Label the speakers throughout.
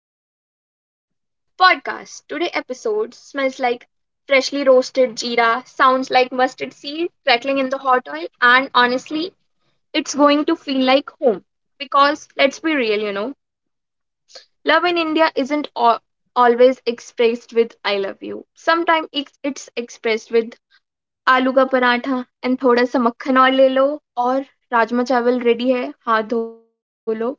Speaker 1: Hello, hello, and welcome to the podcast. Today episode smells like freshly roasted jeera, sounds like mustard seed crackling in the hot oil, and honestly, it's going to feel like home. Because let's be real, you know, love in India isn't always expressed with "I love you." Sometimes it's expressed with "Aloo ka paratha" and "Thoda sa makhan aur le lo" or "Rajma chawal ready hai, haath dho lo."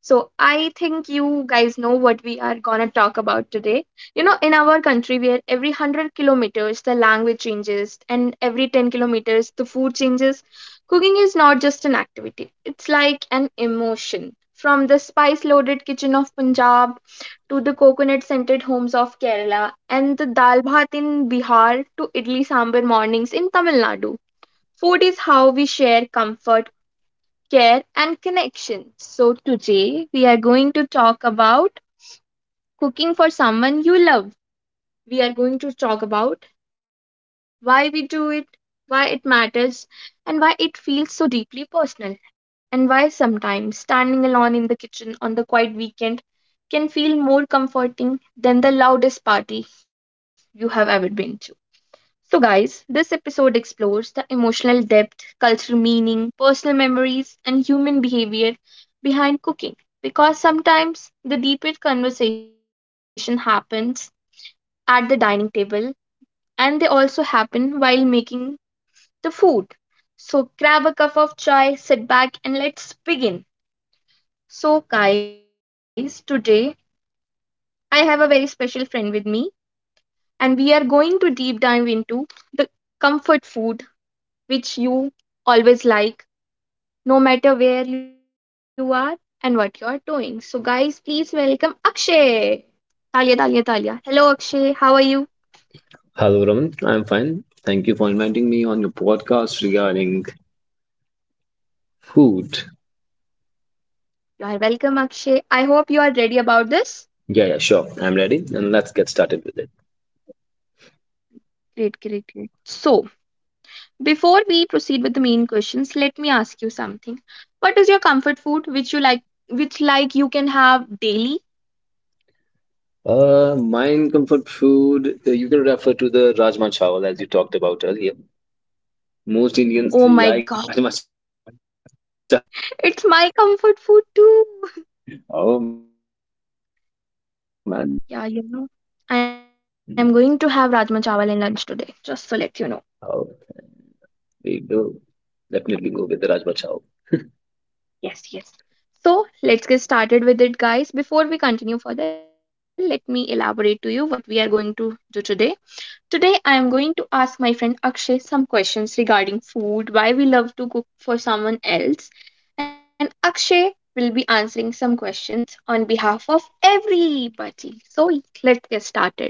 Speaker 1: So I think you guys know what we are gonna talk about today. You know, in our country, where every 100 kilometers the language changes and every 10 kilometers the food changes, cooking is not just an activity, it's like an emotion. From the spice loaded kitchen of Punjab to the coconut scented homes of Kerala and the dal bhat in Bihar to idli sambar mornings in Tamil Nadu. Food is how we share comfort, care, and connection. So, today we are going to talk about cooking for someone you love. We are going to talk about why we do it, why it matters, and why it feels so deeply personal, and why sometimes standing alone in the kitchen on the quiet weekend can feel more comforting than the loudest party you have ever been. So, guys, this episode explores the emotional depth, cultural meaning, personal memories, and human behavior behind cooking. Because sometimes the deepest conversation happens at the dining table and they also happen while making the food. So, grab a cup of chai, sit back, and let's begin. So, guys, today I have a very special friend with me, and we are going to deep dive into the comfort food which you always like, no matter where you are and what you are doing. So, guys, please welcome Akshay. Talia, Talia, Talia. Hello, Akshay. How are you?
Speaker 2: Hello, Raman. I'm fine. Thank you for inviting me on your podcast regarding food.
Speaker 1: You are welcome, Akshay. I hope you are ready about this.
Speaker 2: Yeah, sure. I'm ready, and let's get started with it.
Speaker 1: Great, great, great. So, before we proceed with the main questions, let me ask you something. What is your comfort food which you like, which like you can have daily?
Speaker 2: Mine comfort food. You can refer to the rajma chawal as you talked about earlier. Most Indians
Speaker 1: Oh
Speaker 2: like
Speaker 1: my
Speaker 2: rajma
Speaker 1: God,
Speaker 2: chawal to eat, right?
Speaker 1: it's my comfort food too.
Speaker 2: Oh man, that's good.
Speaker 1: Yeah, you know, I
Speaker 2: Mm,
Speaker 1: am going to have Rajma Chawal in lunch today, just to let you know.
Speaker 2: Oh, we do definitely go with the rajma chawal.
Speaker 1: Yes, yes. So, let's get started with it, guys. Before we continue further, let me elaborate to you what we are going to do today. Today, I am going to ask my friend Akshay some questions regarding food, why we love to cook for someone else, and Akshay will be answering some questions on behalf of everybody. So, let's get started.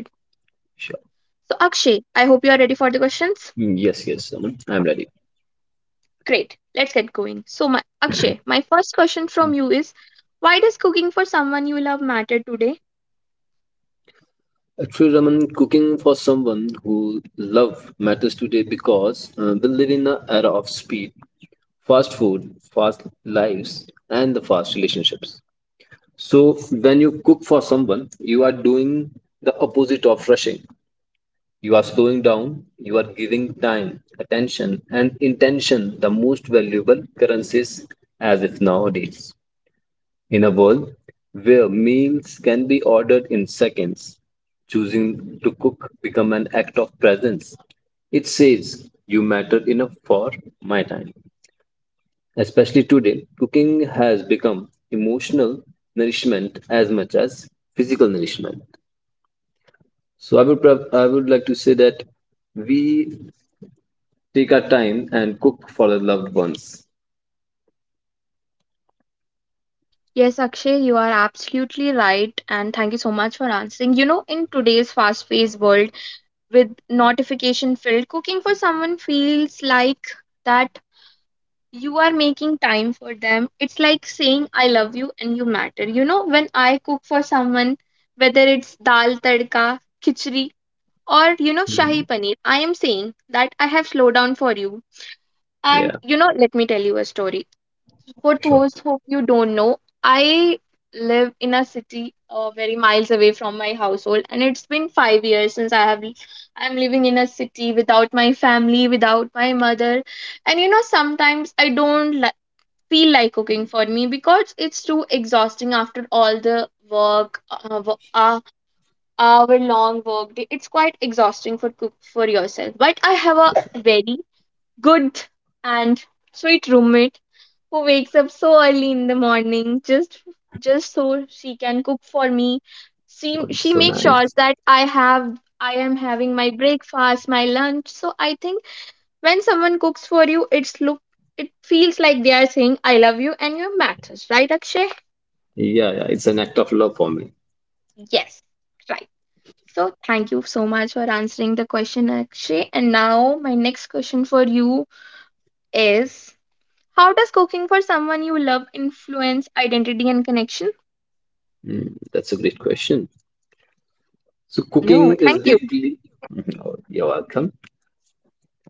Speaker 2: Sure.
Speaker 1: So, Akshay, I hope you are ready for the questions.
Speaker 2: Yes, yes, Raman. I'm ready.
Speaker 1: Great. Let's get going. So, my, Akshay, my first question from you is, why does cooking for someone you love matter today?
Speaker 2: Actually, Raman, cooking for someone who love matters today because we live in an era of speed, fast food, fast lives, and the fast relationships. So when you cook for someone, you are doing the opposite of rushing. You are slowing down. You are giving time, attention, and intention the most valuable currencies as if nowadays. In a world where meals can be ordered in seconds, choosing to cook become an act of presence. It says you matter enough for my time. Especially today, cooking has become emotional nourishment as much as physical nourishment. So I would like to say that we take our time and cook for our loved ones.
Speaker 1: Yes, Akshay, you are absolutely right. And thank you so much for answering. You know, in today's fast paced world with notification filled, cooking for someone feels like that you are making time for them. It's like saying, I love you and you matter. You know, when I cook for someone, whether it's dal tadka, khichdi, or, you know, Shahi
Speaker 2: Mhm.
Speaker 1: Paneer, I am saying that I have slowed down for you. And,
Speaker 2: Yeah,
Speaker 1: you know, let me tell you a story. For
Speaker 2: sure.
Speaker 1: those who you don't know, I live in a city very miles away from my household. And it's been 5 years since I'm living in a city without my family, without my mother. And, you know, sometimes I don't feel like cooking for me because it's too exhausting after all the work, hour long work day. It's quite exhausting for cook for yourself, but I have a very good and sweet roommate who wakes up so early in the morning just so she can cook for me. she
Speaker 2: Oh, it's
Speaker 1: she
Speaker 2: so
Speaker 1: makes
Speaker 2: nice.
Speaker 1: sure that I have, I am having my breakfast, my lunch. So I think when someone cooks for you, it feels like they are saying, I love you and you matters, right, Akshay?
Speaker 2: Yeah, yeah, it's an act of love for me.
Speaker 1: Yes, right. So thank you so much for answering the question, Akshay. And now my next question for you is, how does cooking for someone you love influence identity and connection?
Speaker 2: Mm, that's a great question. So
Speaker 1: I know.
Speaker 2: cooking is
Speaker 1: Thank you.
Speaker 2: deeply, Mhm. Oh, you're welcome.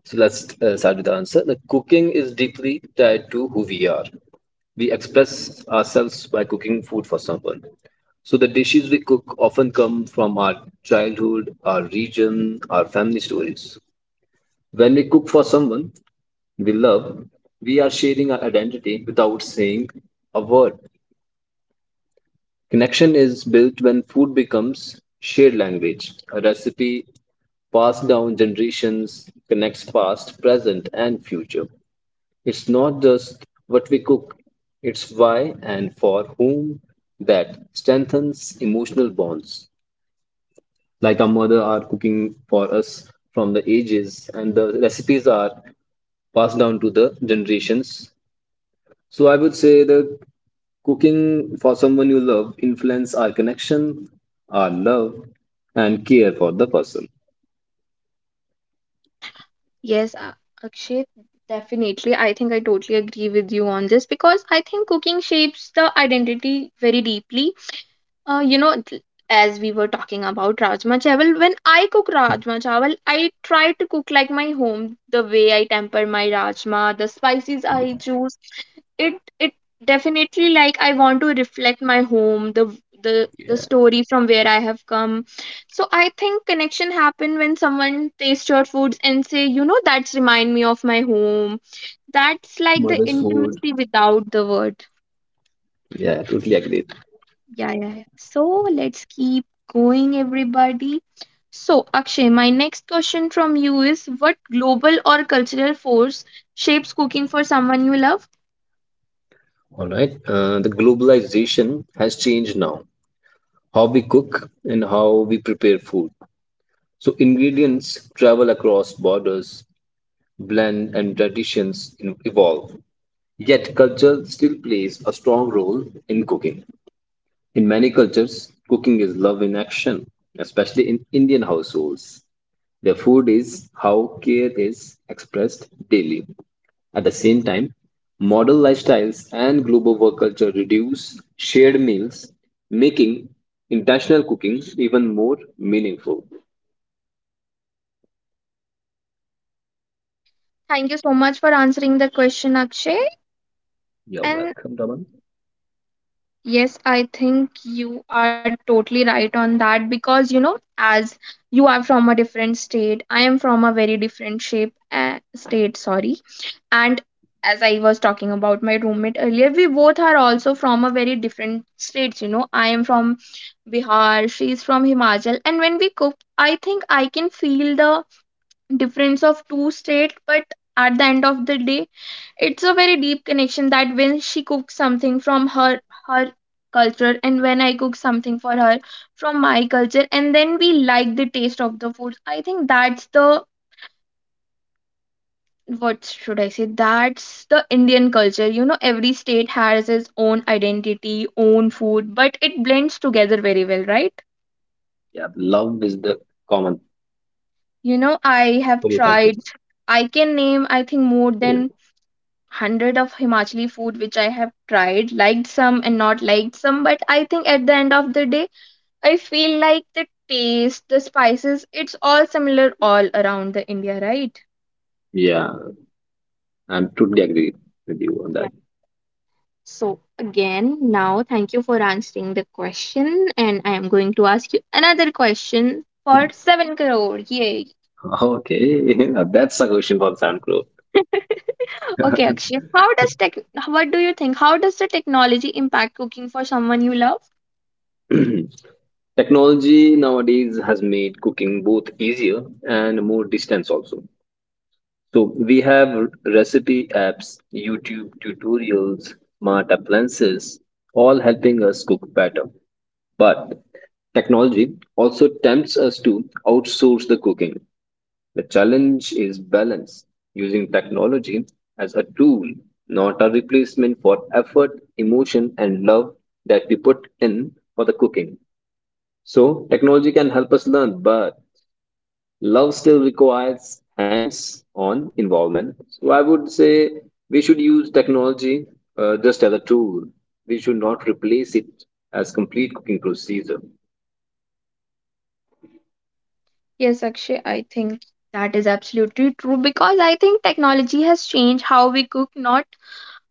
Speaker 2: So let's start with the answer. Like cooking is deeply tied to who we are. We express ourselves by cooking food for someone. So the dishes we cook often come from our childhood, our region, our family stories. When we cook for someone we love, we are sharing our identity without saying a word. Connection is built when food becomes shared language. A recipe passed down generations connects past, present, and future. It's not just what we cook, it's why and for whom that strengthens emotional bonds. Like our mother are cooking for us from the ages, and the recipes are passed down to the generations, so I would say the cooking for someone you love influence our connection, our love, and care for the person.
Speaker 1: Yes, Akshay, definitely. I think I totally agree with you on this because I think cooking shapes the identity very deeply. You know, as we were talking about Rajma Chawal, when I cook Rajma Chawal, I try to cook like my home, the way I temper my Rajma, the spices I choose, it definitely, like, I want to reflect my home, the
Speaker 2: Yeah,
Speaker 1: story from where I have come. So I think connection happen when someone tastes your foods and say, you know, that's remind me of my home. That's like the
Speaker 2: mother's food.
Speaker 1: intimacy without the word.
Speaker 2: Yeah, totally agree.
Speaker 1: Yeah, yeah, yeah. So let's keep going, everybody. So Akshay, my next question from you is, what global or cultural force shapes cooking for someone you love?
Speaker 2: All right. The globalization has changed now. How we cook and how we prepare food. So ingredients travel across borders, blend, and traditions, you know, evolve. Yet culture still plays a strong role in cooking. In many cultures, cooking is love in action, especially in Indian households. Their food is how care is expressed daily. At the same time, modern lifestyles and global work culture reduce shared meals, making intentional cooking even more meaningful.
Speaker 1: Thank you so much for answering the question, Akshay.
Speaker 2: You're
Speaker 1: And
Speaker 2: welcome, Daman.
Speaker 1: yes, I think you are totally right on that because you know, as you are from a different state, I am from a very different shape, state, sorry. And as I was talking about my roommate earlier, we both are also from a very different states. You know, I am from Bihar, she is from Himachal, and when we cook, I think I can feel the difference of two state, but at the end of the day, it's a very deep connection that when she cooks something from her culture and when I cook something for her from my culture and then we like the taste of the food, I think that's the, what should I say, that's the Indian culture. You know, every state has its own identity, own food, but it blends together very well, right?
Speaker 2: Yeah, love is the common
Speaker 1: You know, I have
Speaker 2: common factor.
Speaker 1: tried, I can name, I think, more than 100 of Himachali food which I have tried, liked some and not liked some, but I think at the end of the day, I feel like the taste, the spices, it's all similar all around the India, right?
Speaker 2: Yeah, I'm totally agree with you on
Speaker 1: Yeah.
Speaker 2: that.
Speaker 1: So again, now thank you for answering the question, and I am going to ask you another question for 7 crore. Yay!
Speaker 2: Okay, that's a question from Sam Crow.
Speaker 1: okay, Akshay, how does tech? What do you think? How does the technology impact cooking for someone you love?
Speaker 2: Technology nowadays has made cooking both easier and more distance also. So we have recipe apps, YouTube tutorials, smart appliances, all helping us cook better. But technology also tempts us to outsource the cooking. The challenge is balance, using technology as a tool, not a replacement for effort, emotion, and love that we put in for the cooking. So technology can help us learn, but love still requires hands-on involvement. So I would say we should use technology just as a tool. We should not replace it as complete cooking procedure.
Speaker 1: Yes, Akshay, I think that is absolutely true because I think technology has changed how we cook, not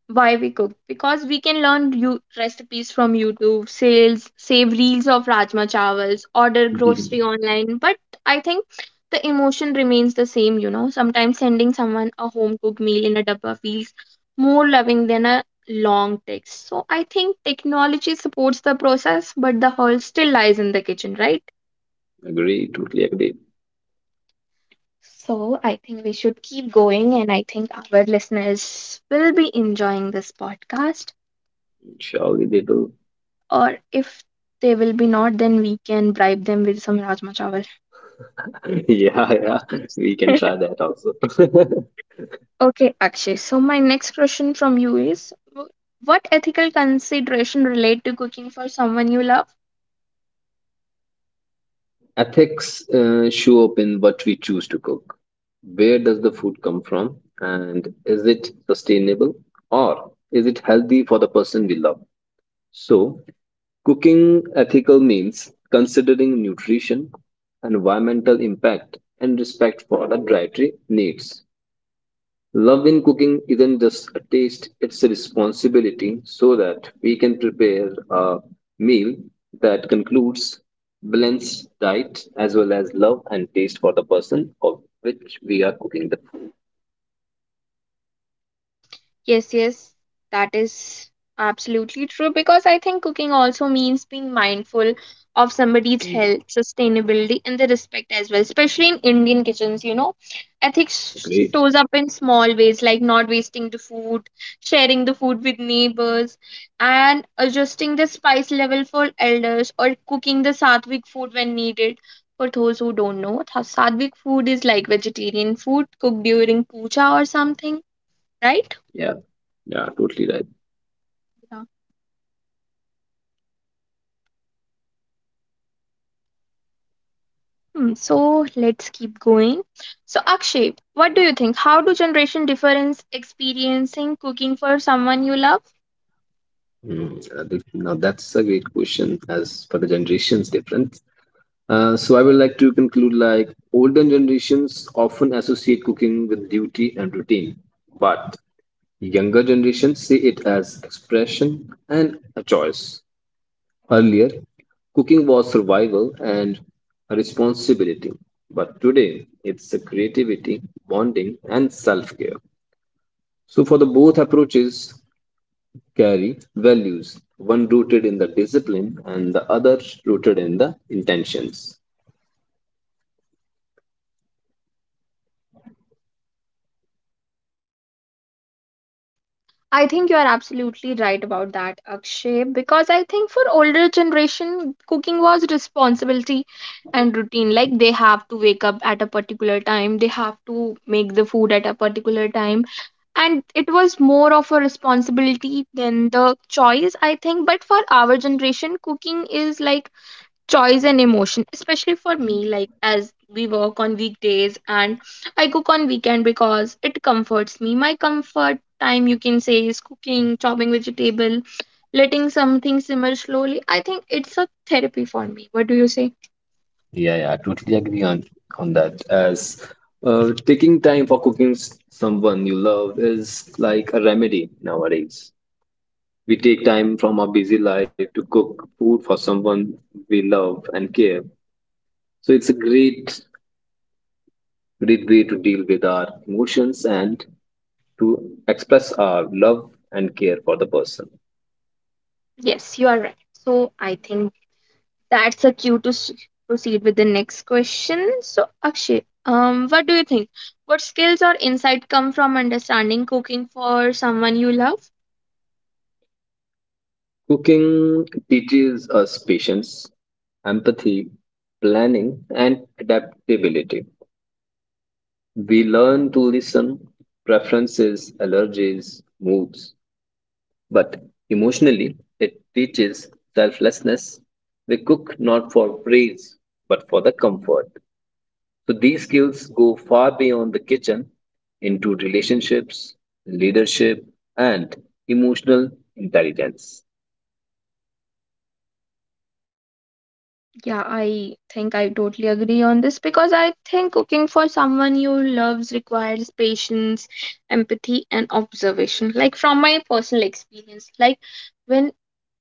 Speaker 1: why we cook. Because we can learn you recipes from YouTube, sales, save reels of Rajma Chawals, order
Speaker 2: Mhm.
Speaker 1: grocery online. But I think the emotion remains the same, you know. Sometimes sending someone a home cooked meal in a dabba feels more loving than a long text. So I think technology supports the process, but the heart still lies in the kitchen, right?
Speaker 2: Agree, totally agree.
Speaker 1: So I think we should keep going, and I think our listeners will be enjoying this podcast.
Speaker 2: Surely they do.
Speaker 1: Or if they will be not, then we can bribe them with some Rajma Chawal.
Speaker 2: yeah, yeah, we can try that also.
Speaker 1: Okay, Akshay. So my next question from you is, what ethical consideration relate to cooking for someone you love?
Speaker 2: Ethics show up in what we choose to cook. Where does the food come from? And is it sustainable? Or is it healthy for the person we love? So, cooking ethical means considering nutrition, environmental impact, and respect for the dietary needs. Love in cooking isn't just a taste, it's a responsibility so that we can prepare a meal that concludes balanced diet as well as love and taste for the person of which we are cooking the food.
Speaker 1: Yes, yes, that is absolutely true because I think cooking also means being mindful of somebody's
Speaker 2: Mm.
Speaker 1: health, sustainability, and the respect as well, especially in Indian kitchens, you know. Ethics
Speaker 2: Great.
Speaker 1: shows up in small ways like not wasting the food, sharing the food with neighbors, and adjusting the spice level for elders or cooking the sattvic food when needed. For those who don't know, sattvic food is like vegetarian food cooked during puja or something, right?
Speaker 2: Yeah, yeah, totally right.
Speaker 1: Hmm, so let's keep going. So Akshay, what do you think? How do generation difference experiencing cooking for someone you love?
Speaker 2: Now that's a great question as for the generations difference. So I would like to conclude like older generations often associate cooking with duty and routine, but younger generations see it as expression and a choice. Earlier, cooking was survival and a responsibility, but today it's a creativity, bonding, and self care. So, for the both approaches, carry values, one rooted in the discipline and the other rooted in the intentions.
Speaker 1: I think you are absolutely right about that, Akshay, because I think for older generation, cooking was responsibility and routine. Like they have to wake up at a particular time, they have to make the food at a particular time, and it was more of a responsibility than the choice, I think. But for our generation, cooking is like choice and emotion, especially for me, like, as we work on weekdays and I cook on weekend because it comforts me. My comfort time, you can say, is cooking, chopping vegetable, letting something simmer slowly. I think it's a therapy for me. What do you say?
Speaker 2: Yeah, yeah, I totally agree on that. As taking time for someone you love is like a remedy nowadays. We take time from our busy life to cook food for someone we love and care. So it's a great way to deal with our emotions and to express our love and care for the person.
Speaker 1: Yes, you are right. So I think that's a cue to proceed with the next question. So Akshay, what do you think, what skills or insight come from understanding cooking for someone you love?
Speaker 2: Cooking teaches us patience, empathy, planning, and adaptability. We learn to listen, preferences, allergies, moods, but emotionally, it teaches selflessness. We cook not for praise, but for the comfort. So these skills go far beyond the kitchen into relationships, leadership, and emotional intelligence.
Speaker 1: Yeah, I think I totally agree on this because I think cooking for someone you loves requires patience, empathy, and observation. Like from my personal experience, like when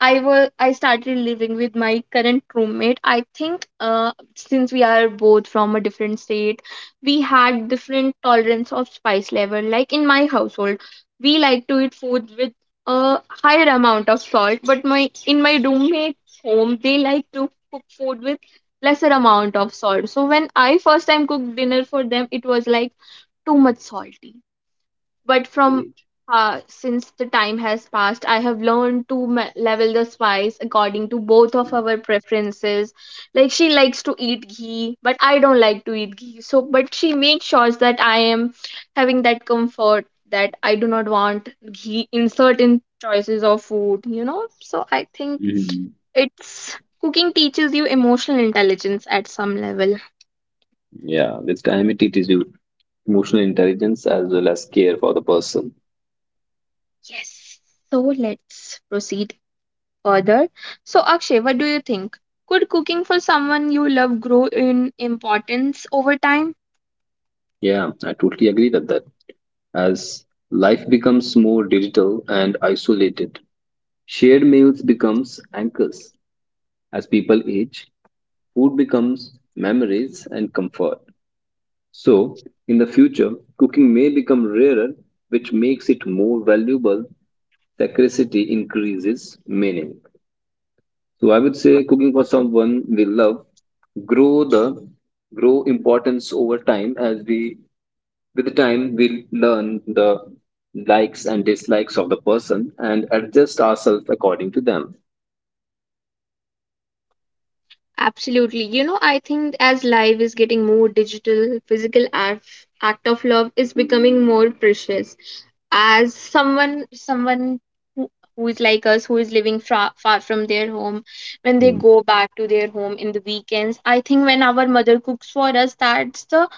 Speaker 1: I was I started living with my current roommate, I think since we are both from a different state, we had different tolerance of spice level. Like in my household, we like to eat food with a higher amount of salt, but my in my roommate home they like to cook food with lesser amount of salt, so when I first time cooked dinner for them, it was like too much salty, but from
Speaker 2: Agreed.
Speaker 1: since the time has passed, I have learned to level the spice according to both of our preferences. Like she likes to eat ghee but I don't like to eat ghee, so but she makes sure that I am having that comfort, that I do not want ghee in certain choices of food, so I think
Speaker 2: Mhm.
Speaker 1: it's cooking teaches you emotional intelligence at some level.
Speaker 2: Yeah, with time it teaches you emotional intelligence as well as care for the person.
Speaker 1: Yes. So let's proceed further. So Akshay, what do you think? Could cooking for someone you love grow in importance over time?
Speaker 2: Yeah, I totally agree that as life becomes more digital and isolated, shared meals becomes anchors. As people age, food becomes memories and comfort. So, in the future, cooking may become rarer, which makes it more valuable. Scarcity increases meaning. So, I would say cooking for someone we love grow the grow importance over time as we with time, we learn the likes and dislikes of the person and adjust ourselves according to them.
Speaker 1: Absolutely. You know, I think as life is getting more digital, act of love is becoming more precious. As someone who, who is like us, who is living far from their home, when they
Speaker 2: Hmm.
Speaker 1: go back to their home in the weekends, I think when our mother cooks for us, that's the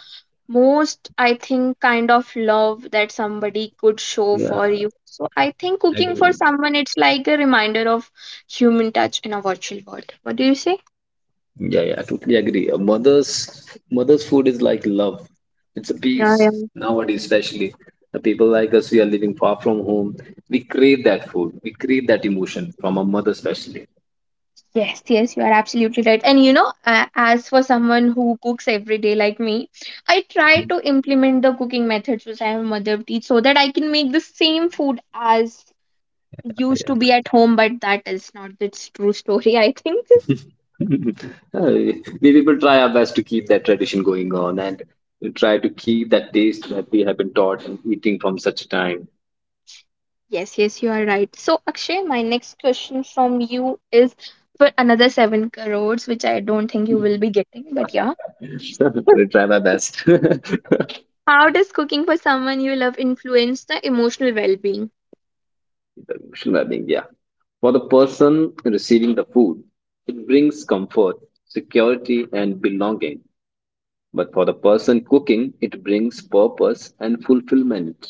Speaker 1: most, I think, kind of love that somebody could show
Speaker 2: Yeah,
Speaker 1: for you. So I think cooking for
Speaker 2: agreed.
Speaker 1: someone, it's like a reminder of human touch in a virtual world. What do you say?
Speaker 2: Yeah, yeah, I totally agree. A mother's food is like love. It's a
Speaker 1: Yeah, yeah.
Speaker 2: peace nowadays, especially the people like us. We are living far from home. We crave that food. We crave that emotion from a mother, especially.
Speaker 1: Yes, yes, you are absolutely right. And you know, as for someone who cooks every day like me, I try to implement the cooking methods which I have mother teach so that I can make the same food as used
Speaker 2: Yeah.
Speaker 1: to be at home, but that is not the true story, I think.
Speaker 2: Uh, we people try our best to keep that tradition going on and try to keep that taste that we have been taught and eating from such a time.
Speaker 1: Yes, yes, you are right. So, Akshay, my next question from you is for another seven crores, which I don't think you will be getting, but yeah.
Speaker 2: I will try my best. Traditional
Speaker 1: How does cooking for someone you love influence the emotional well being?
Speaker 2: well-being, yeah. For the person receiving the food, it brings comfort, security, and belonging. But for the person cooking, it brings purpose and fulfillment.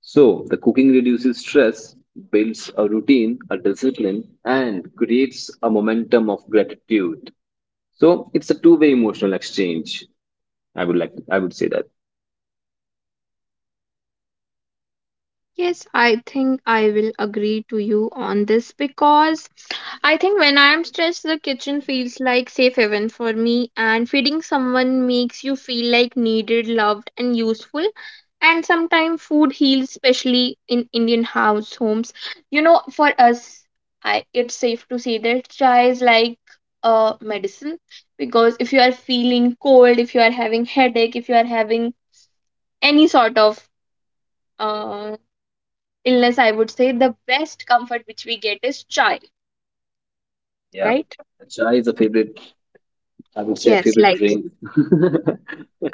Speaker 2: So, the cooking reduces stress, builds a routine, a discipline, and creates a momentum of gratitude. So, it's a two-way emotional exchange. I would say that.
Speaker 1: Yes, I think I will agree to you on this because I think when I am stressed, the kitchen feels like safe haven for me, and feeding someone makes you feel like needed, loved, and useful. And sometimes food heals, especially in Indian house homes. You know, for us, I it's safe to say that chai is like a medicine, because if you are feeling cold, if you are having headache, if you are having any sort of uh illness, I would say the best comfort which we get is chai,
Speaker 2: Yeah,
Speaker 1: right?
Speaker 2: chai is a favorite. I would say a
Speaker 1: Yes,
Speaker 2: favorite
Speaker 1: like
Speaker 2: drink.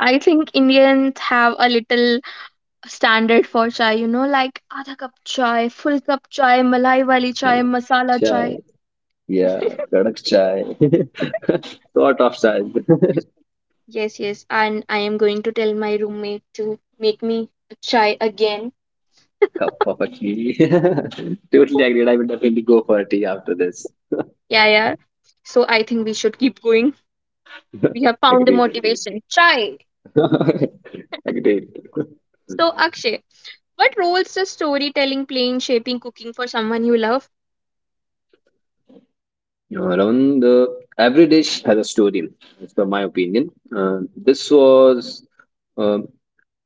Speaker 1: I think Indians have a little standard for chai, you know, like adha cup chai, full cup chai, malai wali
Speaker 2: Yeah,
Speaker 1: chai, masala
Speaker 2: chai.
Speaker 1: chai.
Speaker 2: Yeah, kadak chai. Sort of chai.
Speaker 1: Yes, yes, and I am going to tell my roommate to make me a chai again.
Speaker 2: Cup of a tea. Totally agreed. I will definitely go for a tea after this.
Speaker 1: Yeah, yeah. So I think we should keep going. We have found the
Speaker 2: Agreed.
Speaker 1: motivation. Chai.
Speaker 2: Agreed. Agreed.
Speaker 1: So Akshay, what roles does storytelling play in shaping cooking for someone you love?
Speaker 2: Around the every dish has a story, as per my opinion. This was uh,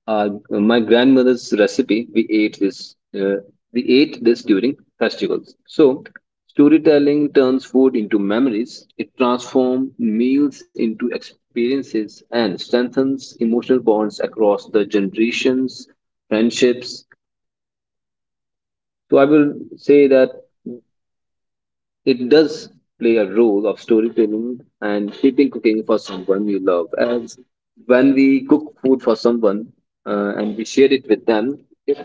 Speaker 2: our, my grandmother's recipe. We ate this. We ate this during festivals. So storytelling turns food into memories. It transforms meals into experiences and strengthens emotional bonds across the generations, friendships. So I will say that it does play a role of storytelling and keeping cooking for someone you love. As when we cook food for someone and we share it with them, it,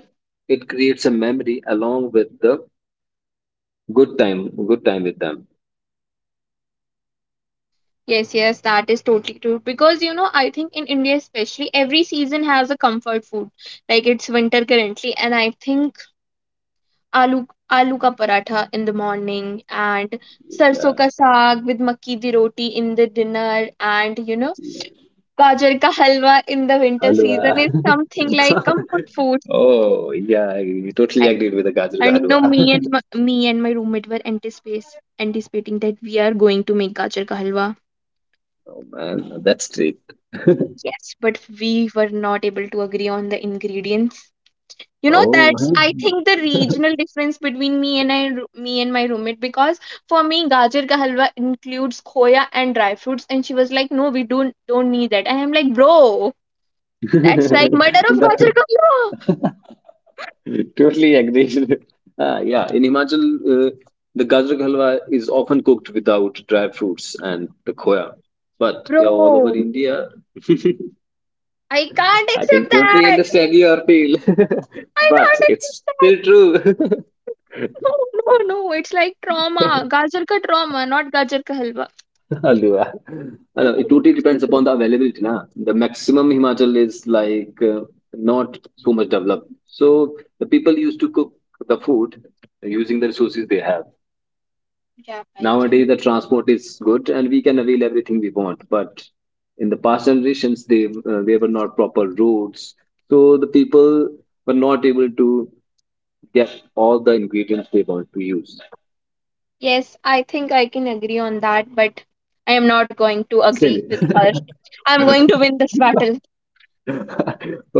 Speaker 2: it creates a memory along with the good time with them.
Speaker 1: Yes, yes, that is totally true. Because you know, I think in India especially, every season has a comfort food. Like it's winter currently, and I think aloo aloo ka paratha in the morning and sarson
Speaker 2: Yeah,
Speaker 1: ka saag with makki di roti in the dinner, and you know, gajar ka halwa in the winter
Speaker 2: halwa.
Speaker 1: season is something like comfort food.
Speaker 2: Oh yeah, I totally
Speaker 1: I-
Speaker 2: agreed with the gajar ka
Speaker 1: And you
Speaker 2: halwa.
Speaker 1: know, me and my roommate were anticipating that we are going to make gajar ka halwa.
Speaker 2: Oh man, that's great.
Speaker 1: Yes, but we were not able to agree on the ingredients. You know,
Speaker 2: Oh.
Speaker 1: that's I think the
Speaker 2: Huh?
Speaker 1: regional difference between me and my roommate, because for me gajar ka halwa includes khoya and dry fruits, and she was like, "No, we don't need that." And I'm like, "Bro, that's like murder of gajar
Speaker 2: The-
Speaker 1: ka halwa,
Speaker 2: Totally agreed. Yeah, in Himachal, the gajar ka halwa is often cooked without dry fruits and the khoya. But yeah, all over
Speaker 1: bro.
Speaker 2: India,
Speaker 1: I can't
Speaker 2: I can
Speaker 1: accept
Speaker 2: totally
Speaker 1: that.
Speaker 2: understand your feel.
Speaker 1: I
Speaker 2: But
Speaker 1: can't
Speaker 2: it's
Speaker 1: accept
Speaker 2: still
Speaker 1: that.
Speaker 2: true.
Speaker 1: No, no, no. It's like trauma. Gajar ka trauma, not gajar ka halwa."
Speaker 2: Halwa. Hello, it totally depends upon the availability. Na? The maximum Himachal is like not so much developed. So the people used to cook the food using the resources they have.
Speaker 1: Yeah, I can.
Speaker 2: Nowadays, the transport is good and we can avail everything we want. But in the past generations, they there were not proper roads, so the people were not able to get all the ingredients they want to use.
Speaker 1: Yes, I think I can agree on that, but I am not going to
Speaker 2: Still,
Speaker 1: agree with her. I'm going to win this battle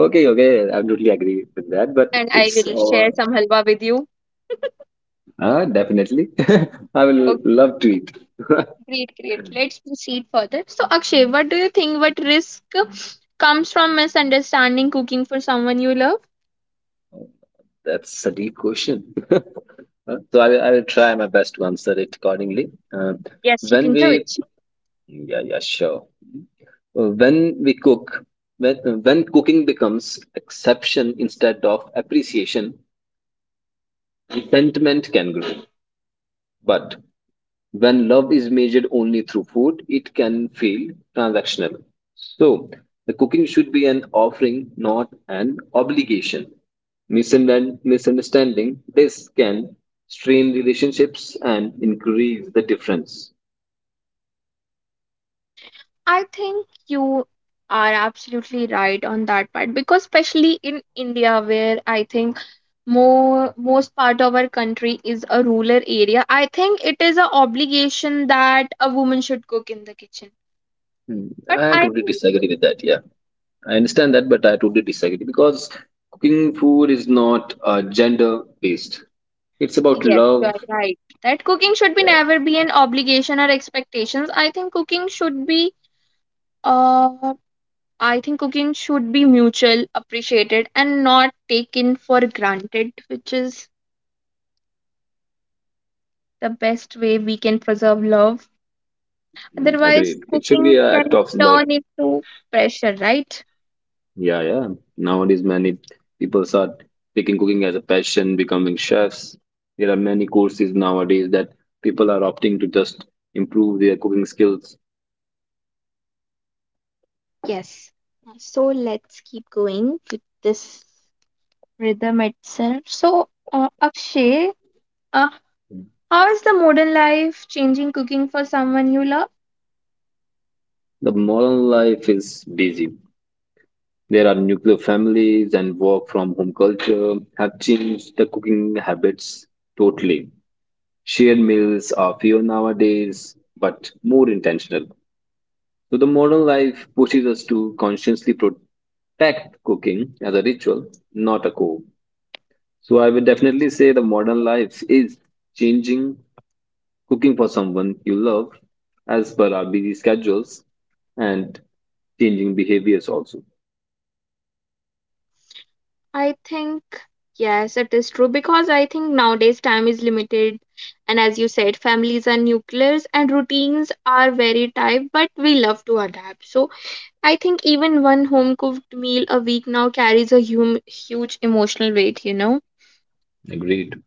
Speaker 2: okay, okay, I totally agree with that. But
Speaker 1: and I
Speaker 2: it's
Speaker 1: will share some halwa with you.
Speaker 2: Definitely, I will
Speaker 1: Okay,
Speaker 2: love to eat.
Speaker 1: great, great. Let's proceed further. So, Akshay, what do you think? What risk comes from misunderstanding cooking for someone you love?
Speaker 2: That's a deep question. I will try my best to answer it accordingly. Uh,
Speaker 1: Yes, you
Speaker 2: when
Speaker 1: can
Speaker 2: we
Speaker 1: do it.
Speaker 2: Yeah, yeah, sure. When when cooking becomes exception instead of appreciation, resentment can grow. But when love is measured only through food, it can feel transactional. So the cooking should be an offering, not an obligation. Misunderstanding this can strain relationships and increase the difference.
Speaker 1: I think you are absolutely right on that part because especially in India where I think more most part of our country is a rural area, I think it is an obligation that a woman should cook in the kitchen,
Speaker 2: Hmm,
Speaker 1: but
Speaker 2: I
Speaker 1: I
Speaker 2: totally
Speaker 1: think
Speaker 2: disagree with that. Yeah, I understand that, but I totally disagree because cooking food is not gender based. It's about
Speaker 1: yes, you
Speaker 2: love.
Speaker 1: are right that cooking should be
Speaker 2: Yeah,
Speaker 1: never be an obligation or expectations. I think cooking should be uh I think cooking should be mutual appreciated and not taken for granted, which is the best way we can preserve love.
Speaker 2: mm,
Speaker 1: Otherwise,
Speaker 2: agreed. It should be
Speaker 1: cooking
Speaker 2: an
Speaker 1: can
Speaker 2: act of love.
Speaker 1: turn into pressure, right?
Speaker 2: Yeah, yeah. Nowadays, many people start taking cooking as a passion, becoming chefs. There are many courses nowadays that people are opting to just improve their cooking skills.
Speaker 1: Yes. So let's keep going with this rhythm itself. So, Akshay, uh, how is the modern life changing cooking for someone you love?
Speaker 2: The modern life is busy. There are nuclear families and work from home culture have changed the cooking habits totally. Shared meals are fewer nowadays, but more intentional. So the modern life pushes us to consciously protect cooking as a ritual, not a core. So I would definitely say the modern life is changing cooking for someone you love as per our busy schedules and changing behaviors also.
Speaker 1: I think, yes, it is true because I think nowadays time is limited. And as you said, families are nuclears and routines are very tight, but we love to adapt. So I think even one home cooked meal a week now carries a huge emotional weight, you know.
Speaker 2: Agreed.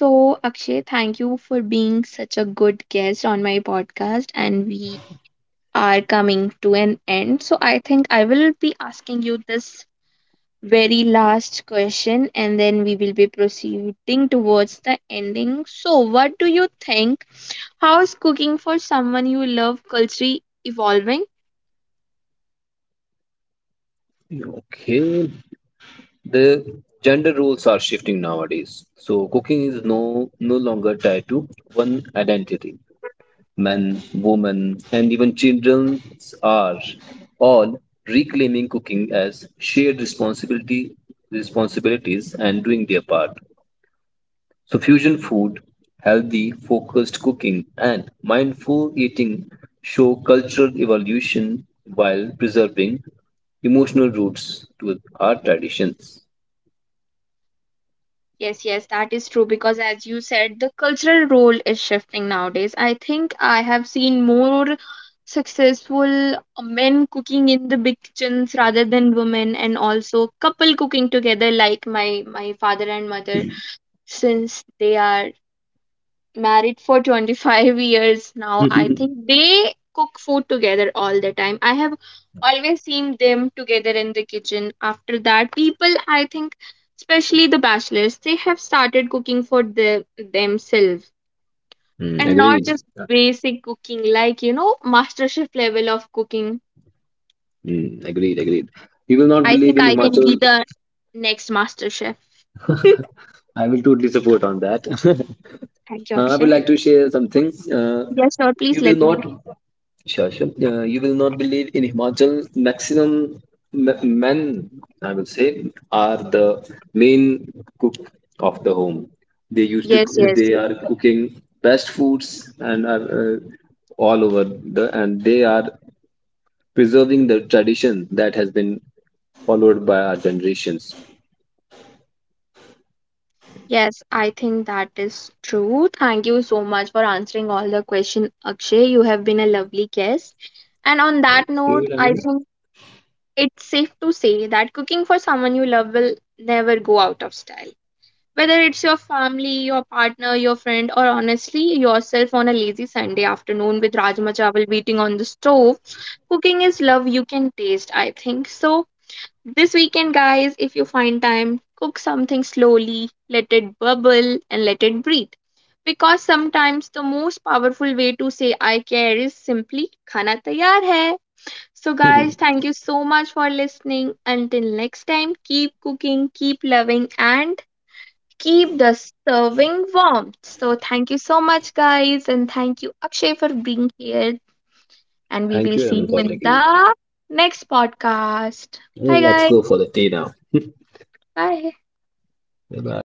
Speaker 1: So, Akshay, thank you for being such a good guest on my podcast. And we are coming to an end. So, I think I will be asking you this very last question and then we will be proceeding towards the ending. So, what do you think? How's cooking for someone you love culturally evolving?
Speaker 2: Okay. The gender roles are shifting nowadays. So cooking is no longer tied to one identity. Men, women, and even children are all reclaiming cooking as shared responsibility responsibilities and doing their part. So fusion food, healthy, focused cooking, and mindful eating show cultural evolution while preserving emotional roots to our traditions.
Speaker 1: Yes, yes, that is true because, as you said, the cultural role is shifting nowadays. I think I have seen more successful men cooking in the big kitchens rather than women, and also couple cooking together, like my father and mother, since they are married for 25 years now. I think they cook food together all the time. I have always seen them together in the kitchen. After that, people, I think, especially the bachelors, they have started cooking for the, themselves,
Speaker 2: Mm,
Speaker 1: and not
Speaker 2: agreed.
Speaker 1: just basic cooking, like, you know, master chef level of cooking.
Speaker 2: Mm, agreed. You will not
Speaker 1: I
Speaker 2: believe
Speaker 1: think
Speaker 2: in
Speaker 1: I can be
Speaker 2: Himachal.
Speaker 1: the next master chef.
Speaker 2: I will totally support on that.
Speaker 1: Thank you,
Speaker 2: I would
Speaker 1: Akshay.
Speaker 2: like to share something.
Speaker 1: Yes, sir.
Speaker 2: You
Speaker 1: Please
Speaker 2: will
Speaker 1: let me know.
Speaker 2: not, Sure, sure. You will not believe in Himachal. Maximum m- men, I will say, are the main cook of the home.
Speaker 1: Yes, yes.
Speaker 2: They are cooking best foods and are uh, and they are preserving the tradition that has been followed by our generations.
Speaker 1: Yes, I think that is true. Thank you so much for answering all the question, Akshay. You have been a lovely guest. And on that
Speaker 2: Thank
Speaker 1: note,
Speaker 2: you,
Speaker 1: I
Speaker 2: Raman.
Speaker 1: think it's safe to say that cooking for someone you love will never go out of style. Whether it's your family, your partner, your friend, or honestly yourself on a lazy Sunday afternoon with Rajma Chawal beating on the stove, cooking is love you can taste, I think. So, this weekend, guys, if you find time, cook something slowly, let it bubble, and let it breathe. Because sometimes the most powerful way to say I care is simply khana tayar hai. So, guys, thank you so much for listening. Until next time, keep cooking, keep loving, and keep the serving warm. So, thank you so much, guys, and thank you, Akshay, for being here. And we
Speaker 2: Thank
Speaker 1: will
Speaker 2: you,
Speaker 1: see
Speaker 2: Raman,
Speaker 1: you
Speaker 2: for
Speaker 1: in
Speaker 2: taking me.
Speaker 1: the next podcast. Bye,
Speaker 2: Let's go
Speaker 1: guys.
Speaker 2: for the tea now.
Speaker 1: Bye.
Speaker 2: Bye bye.